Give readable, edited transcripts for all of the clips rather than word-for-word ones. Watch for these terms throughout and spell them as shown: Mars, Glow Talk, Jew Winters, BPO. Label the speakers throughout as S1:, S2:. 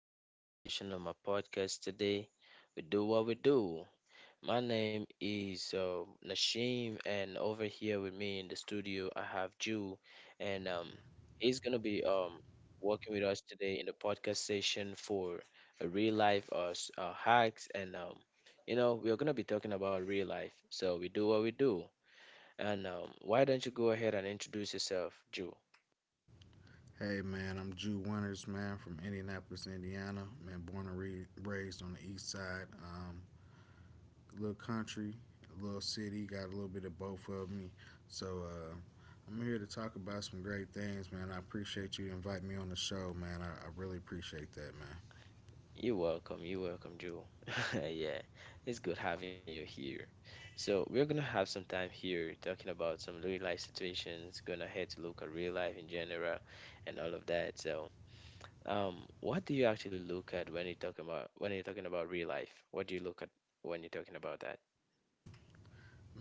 S1: to another session of my podcast today. We do what we do. My name is Nashim, and over here with me in the studio, I have Jew, and he's gonna be working with us today in the podcast session for a real life hacks, and we're gonna be talking about real life. So we do what we do, and why don't you go ahead and introduce yourself, Jew?
S2: Hey man, I'm Jew Winters, man, from Indianapolis, Indiana. Man, born and raised on the east side. Little country, little city, got a little bit of both of me. So I'm here to talk about some great things, man. I appreciate you inviting me on the show, man. I really appreciate that, man.
S1: You're welcome. You're welcome, Joe. Yeah, it's good having you here. So we're gonna have some time here talking about some real life situations, gonna head to look at real life in general and all of that. So, what do you actually look at when you're talking about real life? What do you look at when you're talking about that?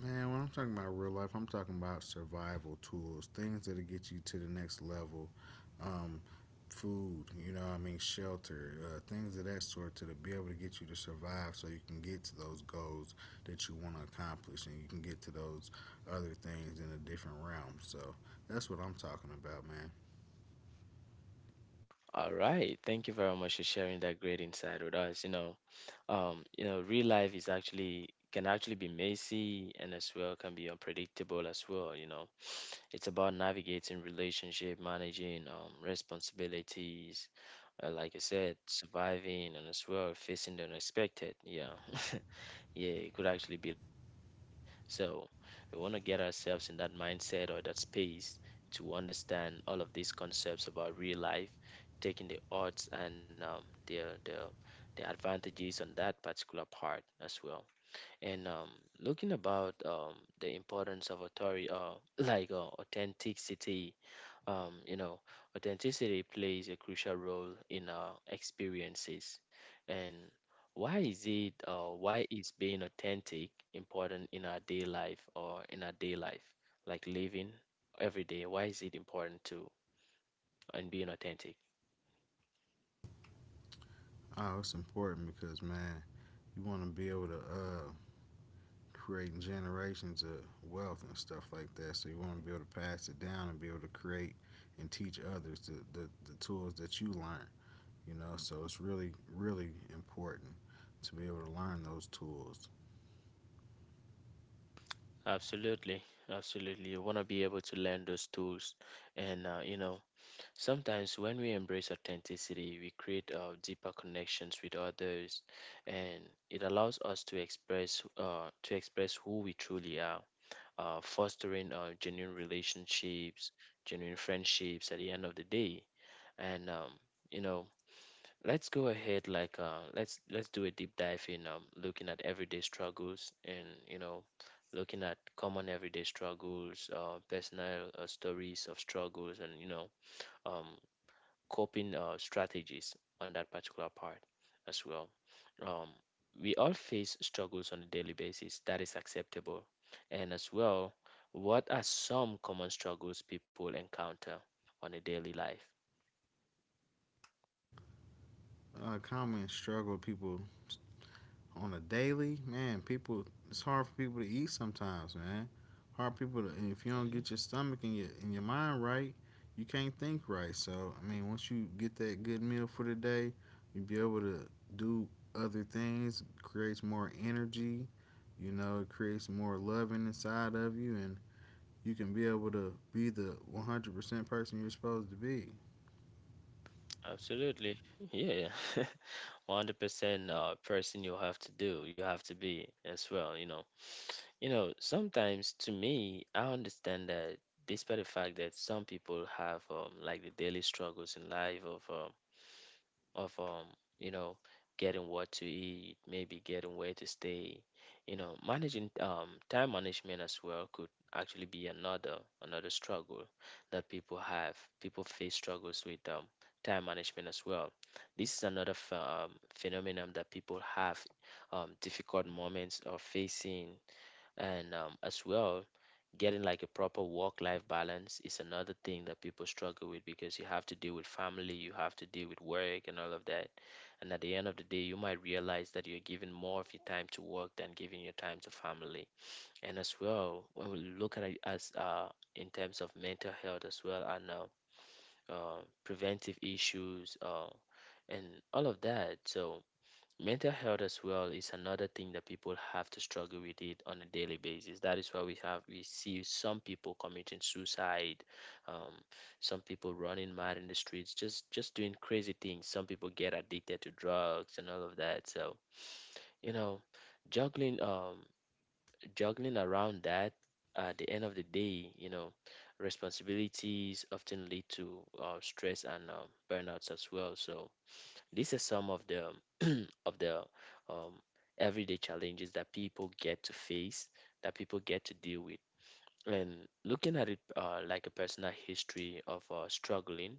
S2: Man, when I'm talking about real life, I'm talking about survival tools, things that'll get you to the next level. Um, food, you know, what I mean, shelter, things of that sort, be able to get you to survive so you can get to those goals that you want to accomplish and you can get to those other things in a different realm. So that's what I'm talking about, man.
S1: All right. Thank you very much for sharing that great insight with us. You know, real life is actually can actually be messy and as well can be unpredictable as well, you know. It's about navigating relationship, managing responsibilities, like I said, surviving and as well facing the unexpected. Yeah, yeah, it could actually be like that. So we want to get ourselves in that mindset or that space to understand all of these concepts about real life, taking the odds and the advantages on that particular part as well and looking about the importance of authority, like authenticity, um, you know, authenticity plays a crucial role in our experiences. And why is being authentic important in our day life like living every day? Why is it important to and being authentic?
S2: Oh, it's important because, man, you want to be able to creating generations of wealth and stuff like that. So you want to be able to pass it down and be able to create and teach others the tools that you learn. You know, so it's really, really important to be able to learn those tools.
S1: Absolutely, absolutely. You want to be able to learn those tools, and you know, sometimes, when we embrace authenticity, we create deeper connections with others, and it allows us to express who we truly are, fostering genuine relationships, genuine friendships. At the end of the day, and you know, let's go ahead let's do a deep dive in looking at everyday struggles and you know, looking at common everyday struggles, personal stories of struggles, and you know. Um, Coping strategies on that particular part as well. Um, we all face struggles on a daily basis, that is acceptable. And as well, what are some common struggles people encounter on a daily life?
S2: Common struggle people on a daily, man, people it's hard for people to eat sometimes, man. Hard for people to, and if you don't
S1: Mhm.
S2: get your stomach and your mind right, you can't think right. So I mean, once you get that good meal for the day, you'll be able to do other things. It creates more energy, you know. It creates more loving inside of you, and you can be able to be the 100% person you're supposed to be.
S1: Absolutely. Yeah. 100% person you have to do, you have to be as well, you know. You know, sometimes to me, I understand that despite the fact that some people have like the daily struggles in life of you know getting what to eat, maybe getting where to stay, you know, managing time management as well could actually be another struggle that people have. People face struggles with time management as well. This is another phenomenon that people have difficult moments of facing, and as well getting like a proper work life balance is another thing that people struggle with because you have to deal with family, you have to deal with work and all of that. And at the end of the day, you might realize that you're giving more of your time to work than giving your time to family. And as well, when we look at it as in terms of mental health as well and preventive issues and all of that. So mental health as well is another thing that people have to struggle with it on a daily basis. That is why we have we see some people committing suicide, um, some people running mad in the streets, just doing crazy things. Some people get addicted to drugs and all of that. So you know, juggling um juggling around that at the end of the day, you know, responsibilities often lead to stress and burnouts as well. So these are some of the of the um, everyday challenges that people get to face, that people get to deal with. And looking at it like a personal history of uh, struggling,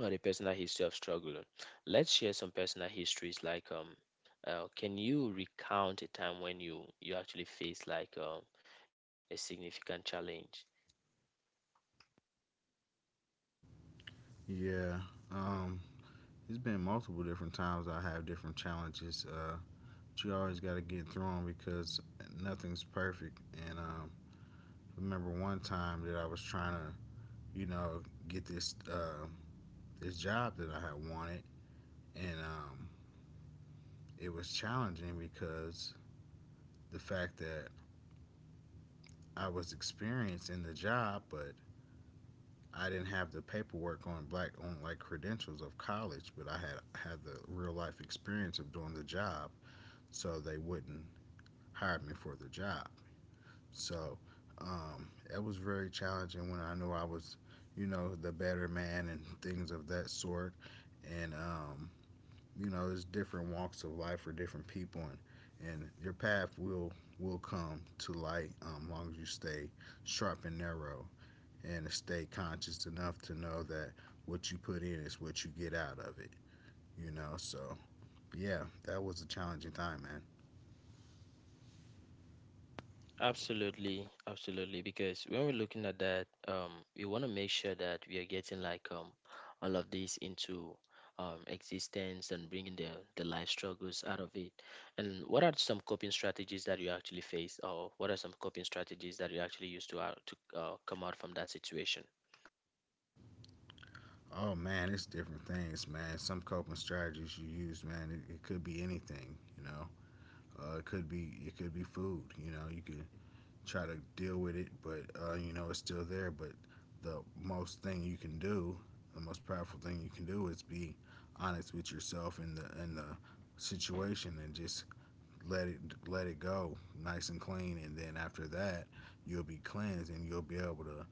S1: or a personal history of struggling, let's share some personal histories. Can you recount a time when you actually faced like a significant challenge?
S2: Yeah. Um, it's been multiple different times I have different challenges. But you always got to get through them because nothing's perfect. And I remember one time that I was trying to, you know, get this job that I had wanted, and it was challenging because the fact that I was experienced in the job, but I didn't have the paperwork on black on like credentials of college, but I had the real life experience of doing the job, so they wouldn't hire me for the job. So it was very challenging when I knew I was, you know, the better man and things of that sort. And, you know, there's different walks of life for different people, and your path will come to light, long as you stay sharp and narrow and stay conscious enough to know that what you put in is what you get out of it, you know. So, yeah, that was a challenging time, man.
S1: Absolutely, absolutely. Because when we're looking at that, we want to make sure that we are getting like all of this into existence and bringing the life struggles out of it. And what are some coping strategies that you actually face, or what are some coping strategies that you actually use to out to come out from that situation?
S2: Oh man, it's different things, man. Some coping strategies you use, man, it could be anything, you know. It could be food, you know. You could try to deal with it, but you know it's still there. But the most thing you can do, the most powerful thing you can do, is be honest with yourself in the situation and just let it let it go nice and clean, and then after that, you'll be cleansed and you'll be able to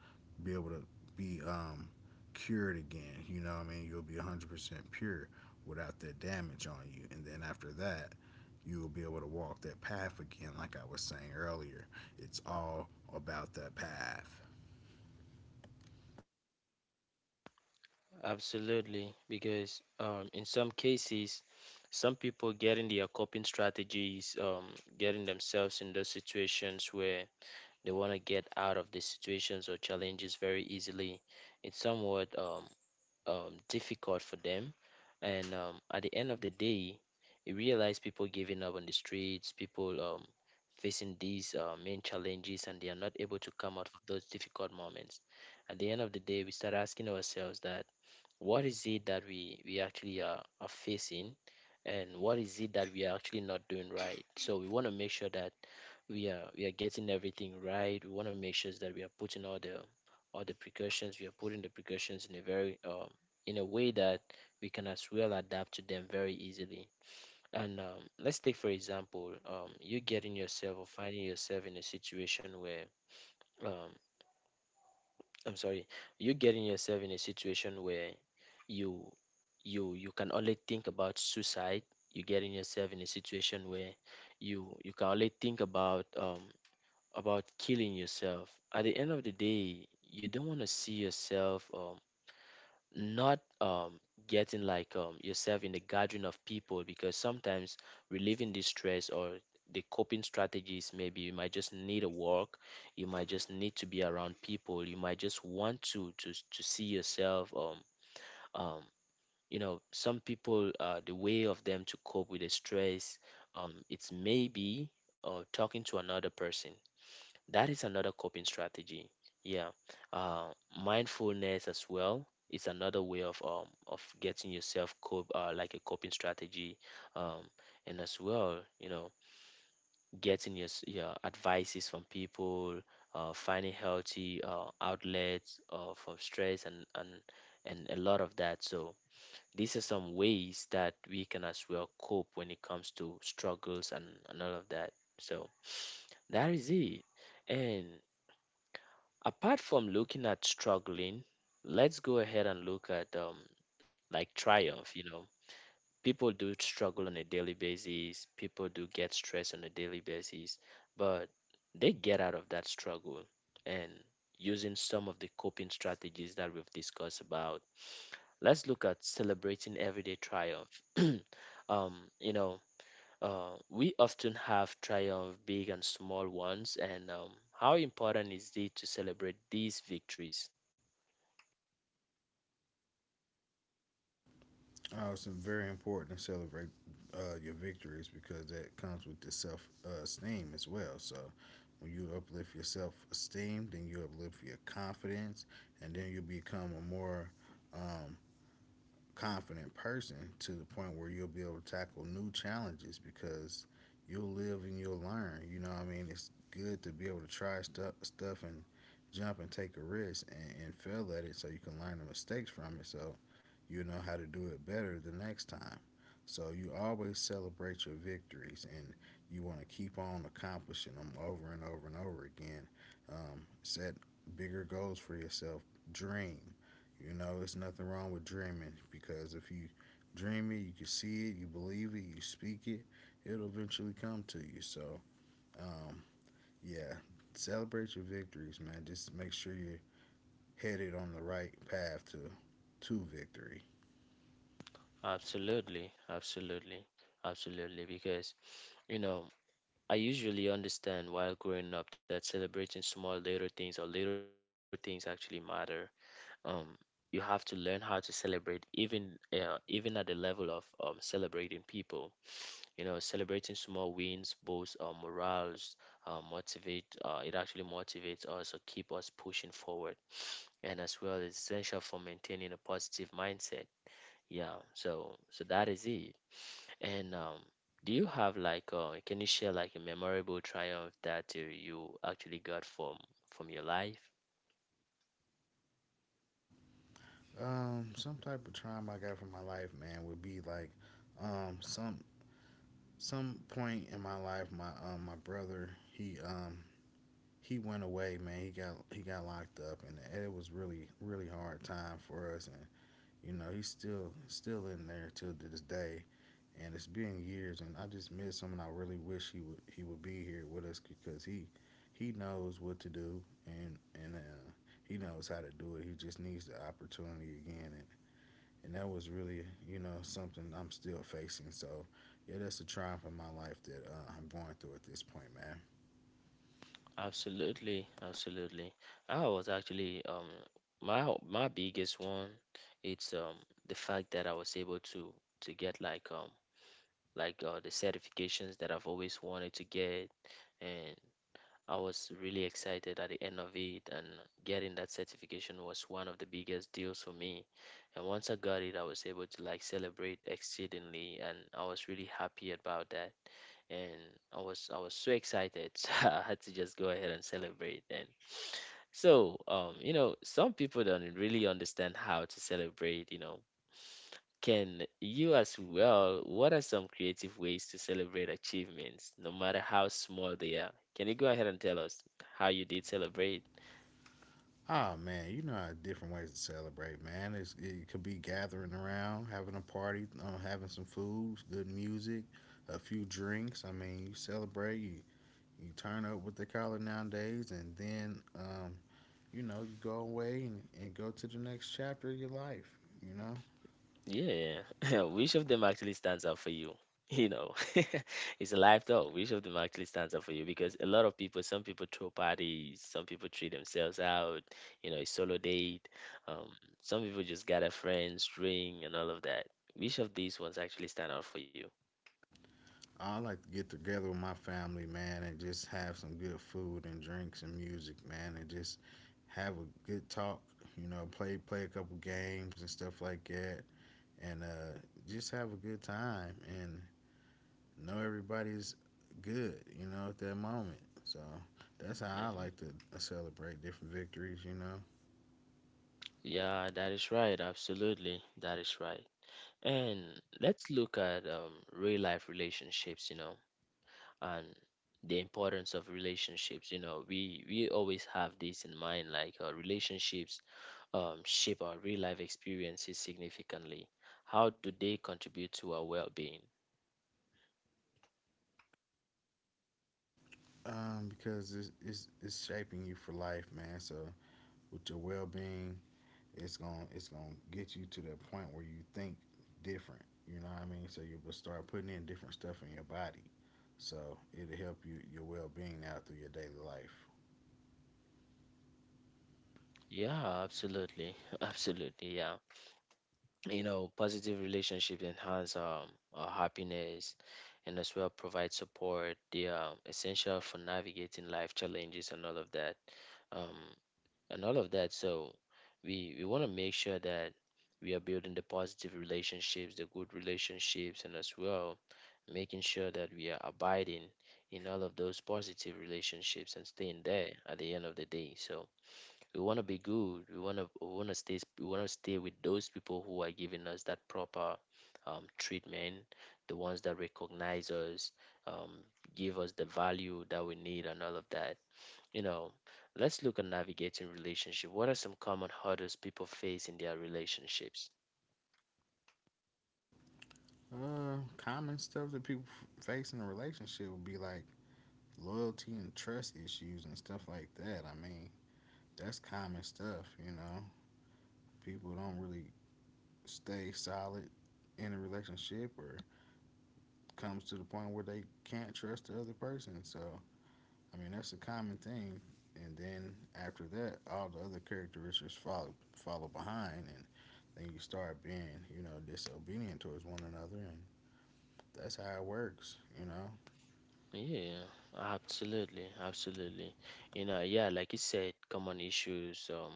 S2: be able to be cured again. You know, what I mean, you'll be 100% pure without that damage on you, and then after that, you will be able to walk that path again. Like I was saying earlier, it's all about that path.
S1: Absolutely, because in some cases, some people getting their coping strategies, getting themselves in those situations where they want to get out of the situations or challenges very easily. It's somewhat difficult for them. And at the end of the day, you realize people giving up on the streets, people facing these main challenges, and they are not able to come out of those difficult moments. At the end of the day, we start asking ourselves that what is it that we actually are facing and what is it that we are actually not doing right. So we want to make sure that we are getting everything right. We want to make sure that we are putting all the precautions. We are putting the precautions in a very in a way that we can as well adapt to them very easily. And let's take for example, you getting yourself or finding yourself in a situation where um I'm sorry, you getting yourself in a situation where you you can only think about suicide. You getting yourself in a situation where you can only think about killing yourself. At the end of the day, you don't want to see yourself not getting like yourself in the gathering of people because sometimes relieving the stress or the coping strategies, maybe you might just need a walk, you might just need to be around people, you might just want to to see yourself um you know some people the way of them to cope with the stress it's maybe talking to another person, that is another coping strategy. Yeah. Uh, Mindfulness as well is another way of getting yourself cope like a coping strategy. Um, and as well, you know, getting your your advices from people, finding healthy outlets from stress and and a lot of that. So these are some ways that we can as well cope when it comes to struggles and all of that. So that is it. And apart from looking at struggling, let's go ahead and look at like triumph, you know, people do struggle on a daily basis, people do get stressed on a daily basis, but they get out of that struggle, and using some of the coping strategies that we've discussed about, let's look at celebrating everyday triumph. um you know, we often have triumph big and small ones, and how important is it to celebrate these victories?
S2: Oh, it's very important to celebrate your victories because that comes with the self esteem as well. So when you uplift your self esteem, then you uplift your confidence, and then you become a more um, confident person to the point where you'll be able to tackle new challenges because you'll live and you'll learn. You know what I mean? It's good to be able to try stuff and jump and take a risk and fail at it so you can learn the mistakes from it so you'll know how to do it better the next time. So you always celebrate your victories and you want to keep on accomplishing them over and over and over again. Set bigger goals for yourself. Dream. You know, it's nothing wrong with dreaming because if you dream it, you can see it, you believe it, you speak it, it'll eventually come to you. So, um, yeah, celebrate your victories, man. Just make sure you're headed on the right path to victory.
S1: Absolutely, absolutely, absolutely. Because, you know, I usually understand while growing up that celebrating small little things or little things actually matter. Um, you have to learn how to celebrate even even at the level of celebrating people. You know, celebrating small wins boosts morals, motivate it actually motivates us or keep us pushing forward, and as well it's essential for maintaining a positive mindset. Yeah, so so that is it. And do you have like can you share like a memorable triumph that you actually got from your life?
S2: Some type of trauma I got from my life, man, would be like um some some point in my life, my brother he went away, man. He got locked up, and it was really hard time for us. And you know, he's still in there till this day, and it's been years, and I just miss him, and I really wish he would be here with us because he knows what to do, and he knows how to do it. He just needs the opportunity again, and that was really, you know, something I'm still facing. So yeah, that's a triumph in my life that I'm going through at this point, man.
S1: Absolutely, absolutely. I was actually my biggest one, it's the fact that I was able to get like the certifications that I've always wanted to get, and I was really excited at the end of it, and getting that certification was one of the biggest deals for me. And once I got it, I was able to like celebrate exceedingly, and I was really happy about that. And I was so excited, so I had to just go ahead and celebrate. And so, you know, some people don't really understand how to celebrate, you know, can you as well, what are some creative ways to celebrate achievements, no matter how small they are? Can you go ahead and tell us how you did celebrate?
S2: Oh man, you know how different ways to celebrate, man. It could be gathering around, having a party, having some food, good music, a few drinks. I mean, you celebrate, you turn up what they call it nowadays, and then, you know, you go away and go to the next chapter of your life, you know?
S1: Yeah, which of them actually stands out for you? You know, it's a life though. Which of them actually stands out for you? Because a lot of people, some people throw parties, some people treat themselves out, you know, a solo date. Um, some people just gather friends, drink, and all of that. Which of these ones actually stand out for you?
S2: I like to get together with my family, man, and just have some good food and drinks and music, man, and just have a good talk, you know, play a couple games and stuff like that and just have a good time and know everybody's good, you know, at that moment. So that's how I
S1: Mm-hmm.
S2: like to celebrate different victories, you know,
S1: Yeah, that is right. Absolutely. That is right. And let's look at real life relationships, you know, and the importance of relationships. You know, we always have this in mind, like relationships shape our real life experiences significantly. How do they contribute to our well being?
S2: because it's shaping you for life, man. So with your well being, it's gonna get you to that point where you think different. You know what I mean? So you'll start putting in different stuff in your body. So it'll help you your well being out through your daily life.
S1: Yeah, absolutely. Absolutely. Yeah. You know, positive relationship enhance our happiness, and as well provide support. They are essential for navigating life challenges and all of that, um, so we want to make sure that we are building the positive relationships, the good relationships, and as well making sure that we are abiding in all of those positive relationships and staying there at the end of the day. So we want to be good, we want to stay with those people who are giving us that proper treatment, the ones that recognize us, um, give us the value that we need and all of that, you know. Let's look at navigating relationship. What are some common hurdles people face in their relationships?
S2: Common stuff that people face in a relationship would be like loyalty and trust issues and stuff like that. I mean, that's common stuff, you know. People don't really stay solid in a relationship or comes to the point where they can't trust the other person. So, I mean, that's a common thing. And then after that, all the other characteristics follow behind, and then you start being, you know, disobedient towards one another, and that's how it works, you know.
S1: Yeah, absolutely, absolutely. You know, yeah, like you said, common issues,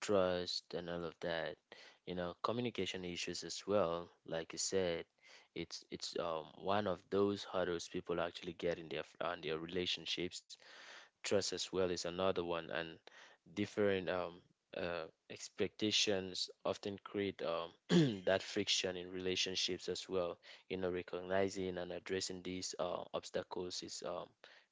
S1: trust and all of that, you know, communication issues as well, like you said. It's one of those hurdles people actually get in their on their relationships. Trust as well is another one, and different expectations often create that friction in relationships as well. You know, recognizing and addressing these obstacles is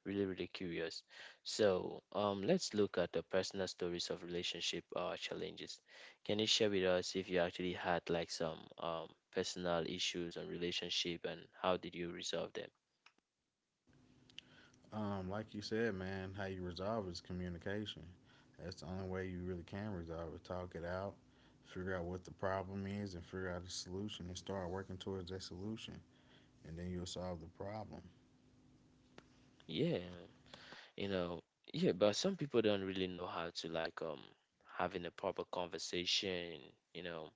S1: really, really curious. So let's look at the personal stories of relationship challenges. Can you share with us if you actually had like some personal issues on relationship and how did you resolve them?
S2: Like you said, man, how you resolve it is communication. That's the only way you really can resolve it. Talk it out, figure out what the problem is, and figure out the solution, and start working towards that solution, and then you'll solve the problem.
S1: Yeah. You know, yeah, but some people don't really know how to like having a proper conversation, you know,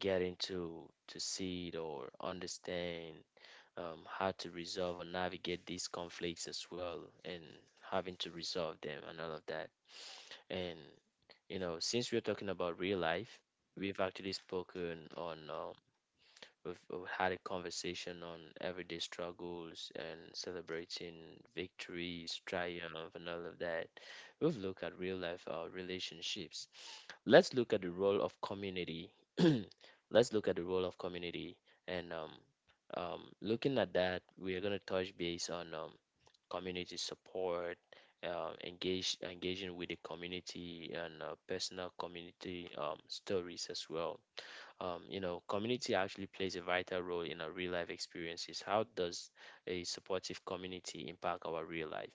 S1: getting to see it or understand how to resolve or navigate these conflicts as well, and having to resolve them and all of that. And you know, since we're talking about real life, we've actually spoken on we've had a conversation on everyday struggles and celebrating victories, triumph, and all of that. We've looked at real life relationships. Let's look at the role of community. Let's look at the role of community. And looking at that, we are going to touch base on community support, engage engaging with the community, and personal community stories as well. Um, you know, community actually plays a vital role in our real life experiences. How does a supportive community impact our real life?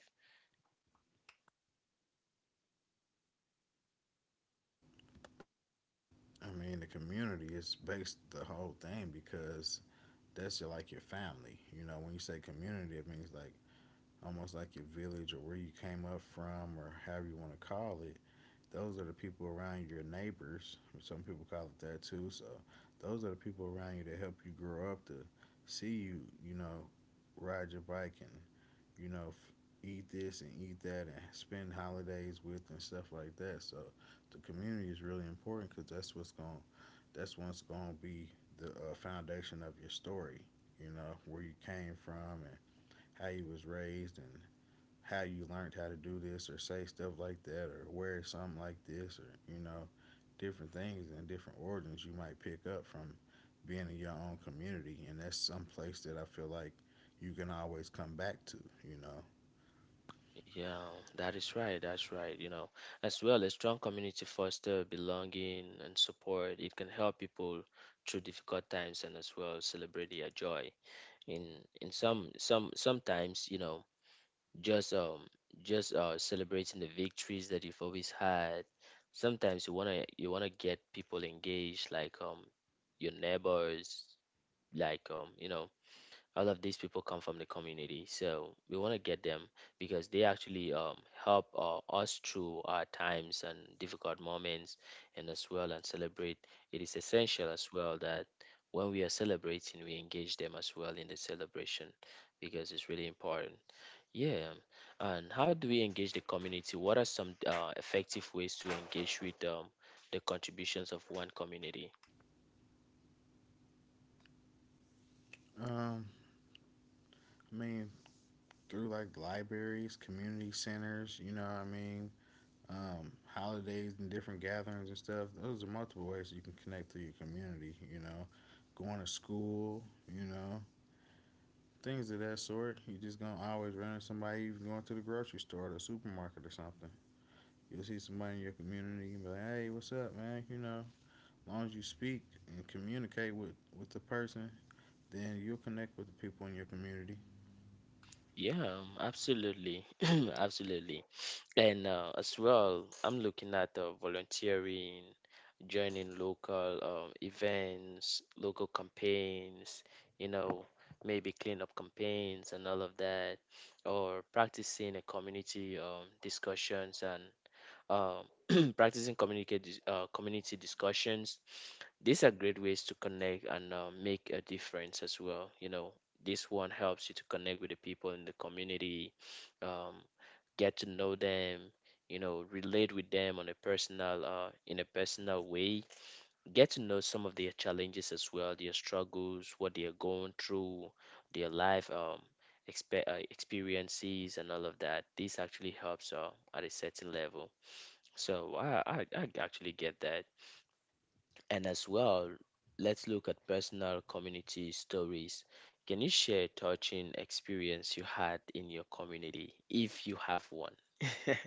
S2: I mean, the community is based the whole thing because that's your, like your family. You know, when you say community, it means like almost like your village or where you came up from or however you want to call it. Those are the people around you, your neighbors. Some people call it that too. So those are the people around you that help you grow up to see you, you know, ride your bike and, you know, eat this and eat that and spend holidays with and stuff like that. So the community is really important because that's what's going to be the foundation of your story. You know where you came from and how you was raised and how you learned how to do this or say stuff like that or wear something like this or you know different things and different origins you might pick up from being in your own community, and that's some place that I feel like you can always come back to, you know.
S1: Yeah, that is right. That's right. You know, as well, a strong community foster belonging and support. It can help people through difficult times and as well celebrate their joy. In sometimes, you know, just celebrating the victories that you've always had. Sometimes you wanna get people engaged, like your neighbors, like you know, all of these people come from the community. So we want to get them because they actually help us through our times and difficult moments, and as well and celebrate. It is essential as well that when we are celebrating, we engage them as well in the celebration, because it's really important. Yeah. And how do we engage the community? What are some effective ways to engage with the contributions of one community?
S2: um I mean, through like libraries, community centers, you know what I mean, holidays and different gatherings and stuff, those are multiple ways you can connect to your community, you know, going to school, you know, things of that sort. You just gonna always run into somebody, even going to the grocery store or the supermarket or something. You'll see somebody in your community and be like, Hey, what's up, man? You know, as long as you speak and communicate with the person, then you'll connect with the people in your community.
S1: Yeah, absolutely, absolutely. And as well, I'm looking at volunteering, joining local events, local campaigns, you know, maybe cleanup campaigns and all of that, or practicing a community discussions, and community discussions. These are great ways to connect and make a difference as well. You know, this one helps you to connect with the people in the community, um, get to know them, you know, relate with them on a in a personal way. Get to know some of their challenges as well, their struggles, what they are going through, their life experiences, and all of that. This actually helps at a certain level. So I actually get that. And as well, let's look at personal community stories. Can you share a touching experience you had in your community, if you have one?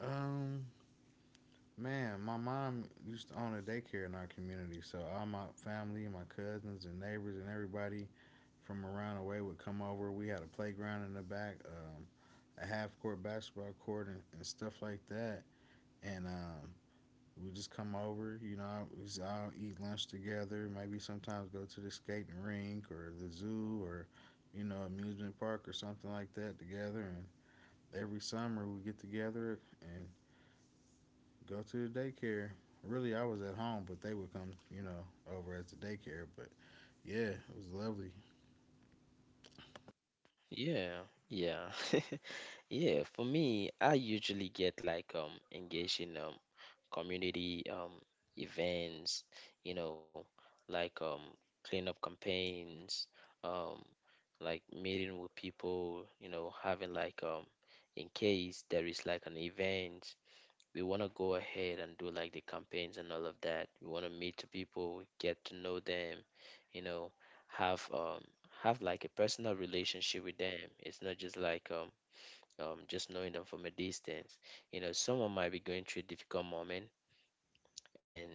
S2: Um, man, my mom used to own a daycare in our community, so all my family and my cousins and neighbors and everybody from around the way would come over. We had a playground in the back, a half court basketball court and stuff like that. And we just come over, you know, we all eat lunch together. Maybe sometimes go to the skating rink or the zoo or, you know, amusement park or something like that together. And every summer we get together and go to the daycare. Really, I was at home, but they would come, you know, over at the daycare. But yeah, it was lovely.
S1: Yeah, yeah. Yeah, for me, I usually get like engaged in community events, you know, like cleanup campaigns, um like meeting with people, you know, having like in case there is like an event, we want to go ahead and do like the campaigns and all of that. We want to meet the people, get to know them, you know, have um have like a personal relationship with them. It's not just like just knowing them from a distance. You know, someone might be going through a difficult moment, and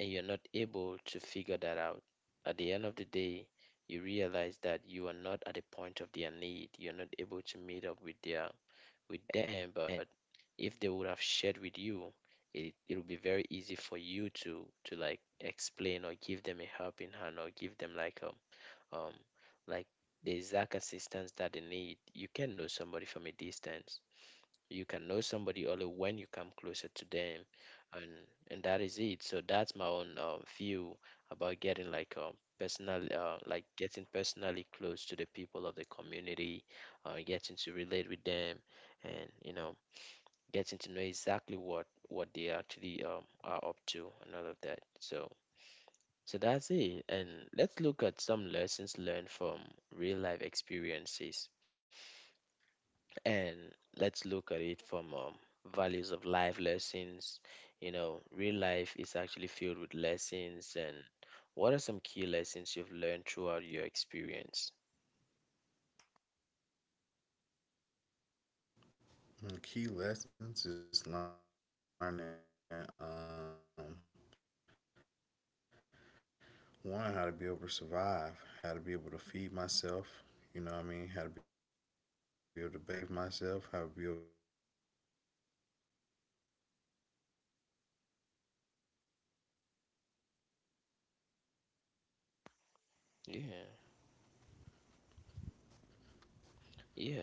S1: you're not able to figure that out. At the end of the day, you realize that you are not at the point of their need. You're not able to meet up with their with them. But if they would have shared with you, it would be very easy for you to like explain or give them a helping hand, or give them um like the exact assistance that they need. You can know somebody from a distance. You can know somebody only when you come closer to them, and that is it. So that's my own view about getting like like getting personally close to the people of the community, getting to relate with them, and you know, getting to know exactly what they actually are up to and all of that. So. So that's it. And let's look at some lessons learned from real life experiences. And let's look at it from values of life lessons. You know, real life is actually filled with lessons, and what are some key lessons you've learned throughout your experience?
S2: And key lessons is learning, one, how to be able to survive, how to be able to feed myself, you know what I mean, how to be able to bathe myself, how to be able to find shelter. You know, I mean, how to be able to read, how to be able to write.
S1: Yeah,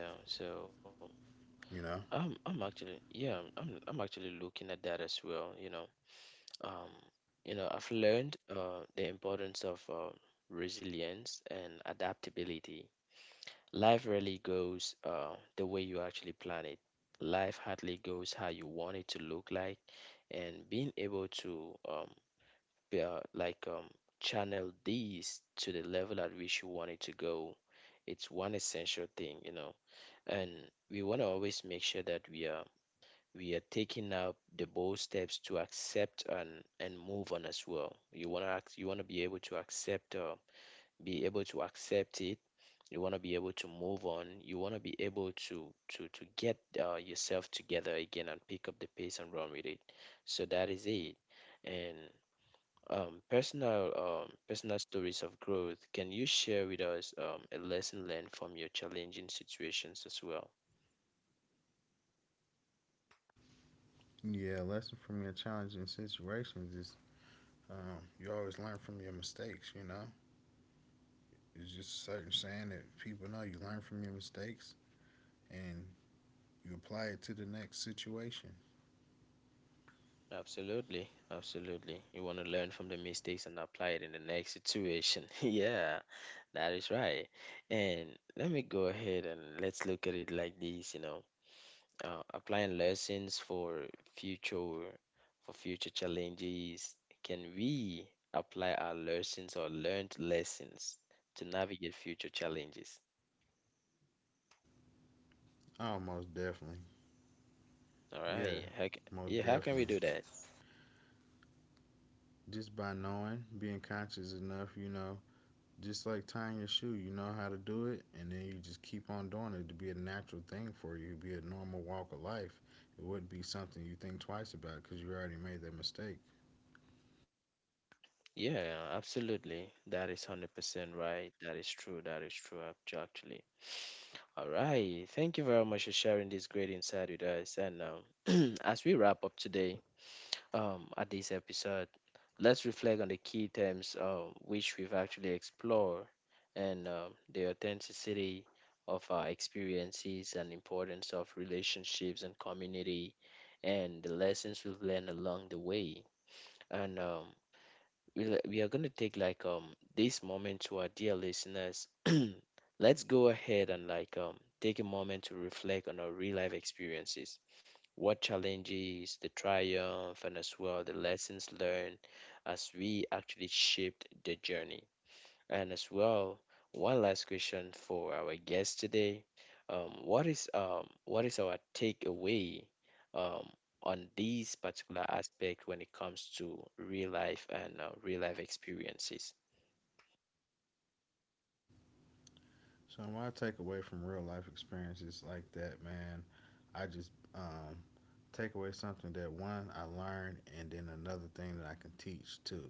S1: yeah. So I'm
S2: You
S1: actually
S2: know.
S1: yeah I'm actually looking at that as well, you know. um you know, I've learned the importance of resilience and adaptability. Life rarely goes the way you actually plan it. Life hardly goes how you want it to look like, and being able to be, like channel these to the level at which you want it to go, it's one essential thing, you know. And we want to always make sure that we are taking up the bold steps to accept and move on as well. You want to be able to accept it. You want to be able to move on, you want to be able to get yourself together again and pick up the pace and run with it. So that is it. And personal stories of growth. Can you share with us a lesson learned from your challenging situations as well?
S2: Yeah, a lesson from your challenging situations is, you always learn from your mistakes. You know, it's just a certain saying that people know. You learn from your mistakes and you apply it to the next situation.
S1: Absolutely, absolutely. You want to learn from the mistakes and apply it in the next situation. yeah, that is right. And let me go ahead and let's look at it like this, you know, applying lessons future for future challenges. Can we apply our lessons or learned lessons to navigate future challenges?
S2: Oh, most definitely.
S1: All
S2: Yeah,
S1: right.
S2: most
S1: Yeah, how can we
S2: definitely.
S1: do that?
S2: Just by knowing, being conscious enough, you know, just like tying your shoe, you know how to do it, and then you just keep on doing it to be a natural thing for you. It'd be a normal walk of life. It wouldn't be something you think twice about because you already made that mistake.
S1: Yeah, absolutely. That is 100% right. That is true. That is true, actually. All right. Thank you very much for sharing this great insight with us. And as we wrap up today, at this episode, let's reflect on the key terms which we've actually explored, and the authenticity of our experiences and importance of relationships and community and the lessons we've learned along the way. And we are going to take like this moment to our dear listeners. Let's go ahead and like take a moment to reflect on our real life experiences. What challenges, the triumph, and as well the lessons learned as we actually shaped the journey. And as well, one last question for our guest today. What is our takeaway um on these particular aspect when it comes to real life and real life experiences?
S2: So what I take away from real life experiences like that, man, I just take away something that one I learned, and then another thing that I can teach too.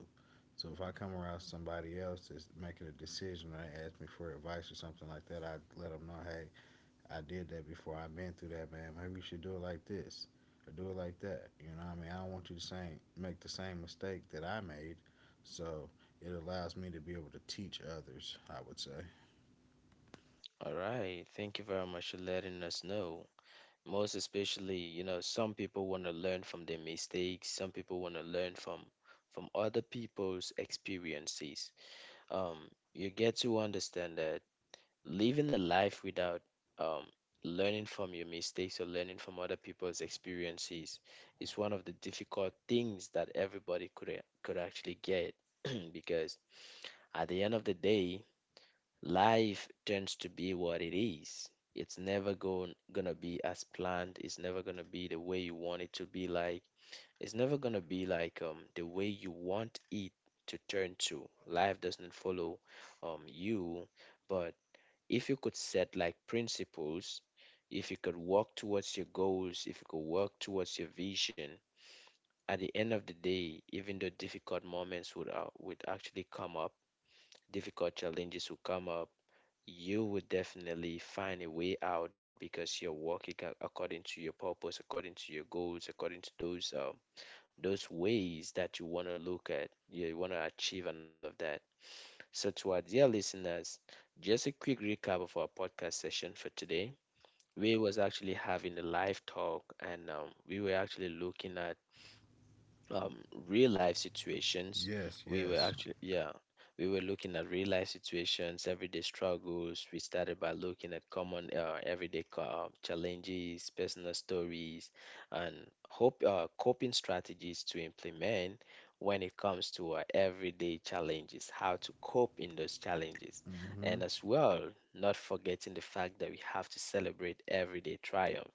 S2: So if I come around somebody else that's making a decision, or they ask me for advice or something like that, I let them know, hey, I did that before. I've been through that, man. Maybe you should do it like this or do it like that. You know what I mean? I don't want you to same make the same mistake that I made. So it allows me to be able to teach others, I would say.
S1: All right, thank you very much for letting us know. Most especially, you know, some people want to learn from their mistakes, some people want to learn from other people's experiences. Um, you get to understand that living a life without um, learning from your mistakes or learning from other people's experiences is one of the difficult things that everybody could actually get because at the end of the day, life tends to be what it is. It's never going gonna be as planned. It's never gonna be the way you want it to be. Like, it's never gonna be like the way you want it to turn to. Life doesn't follow you. But if you could set like principles, if you could work towards your goals, if you could work towards your vision, at the end of the day, even though difficult moments would actually come up, difficult challenges would come up, you would definitely find a way out because you're working according to your purpose, according to your goals, according to those ways that you want to look at, you want to achieve, and all of that. So, to our dear listeners, just a quick recap of our podcast session for today. We was actually having a live talk, and we were actually looking at um real life situations.
S2: Yes,
S1: We were
S2: yes.
S1: actually, yeah, we were looking at real life situations, everyday struggles. We started by looking at common everyday challenges, personal stories, and hope, coping strategies to implement when it comes to our everyday challenges, how to cope in those challenges.
S2: Mm-hmm.
S1: And as well, not forgetting the fact that we have to celebrate everyday triumphs,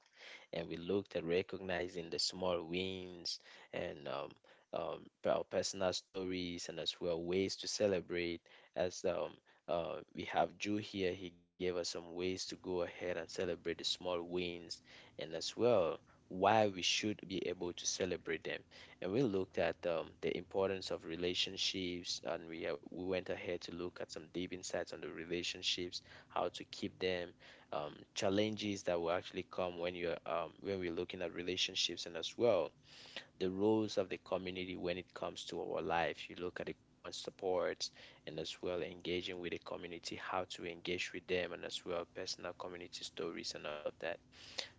S1: and we looked at recognizing the small wins and our personal stories and as well ways to celebrate. As we have Drew here, he gave us some ways to go ahead and celebrate the small wins and as well why we should be able to celebrate them. And we looked at the importance of relationships, and we went ahead to look at some deep insights on the relationships, how to keep them, challenges that will actually come when you're when we're looking at relationships, and as well the roles of the community when it comes to our life. You look at the common supports and as well engaging with the community, how to engage with them, and as well personal community stories and all of that.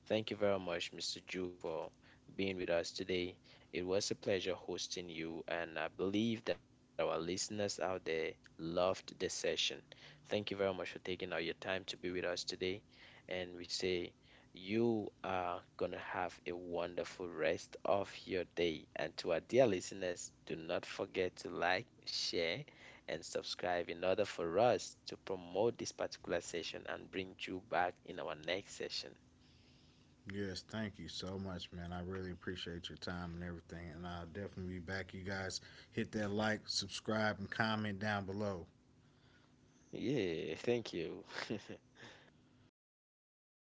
S1: Thank you very much, Mr. Ju, for being with us today. It was a pleasure hosting you, and I believe that our listeners out there loved the session. Thank you very much for taking out your time to be with us today, and we say you are going to have a wonderful rest of your day. And to our dear listeners, do not forget to like, share, and subscribe in order for us to promote this particular session and bring you back in our next session.
S2: Yes, thank you so much, man. I really appreciate your time and everything. And I'll definitely be back. You guys hit that like, subscribe, and comment down below.
S1: Yeah, thank you.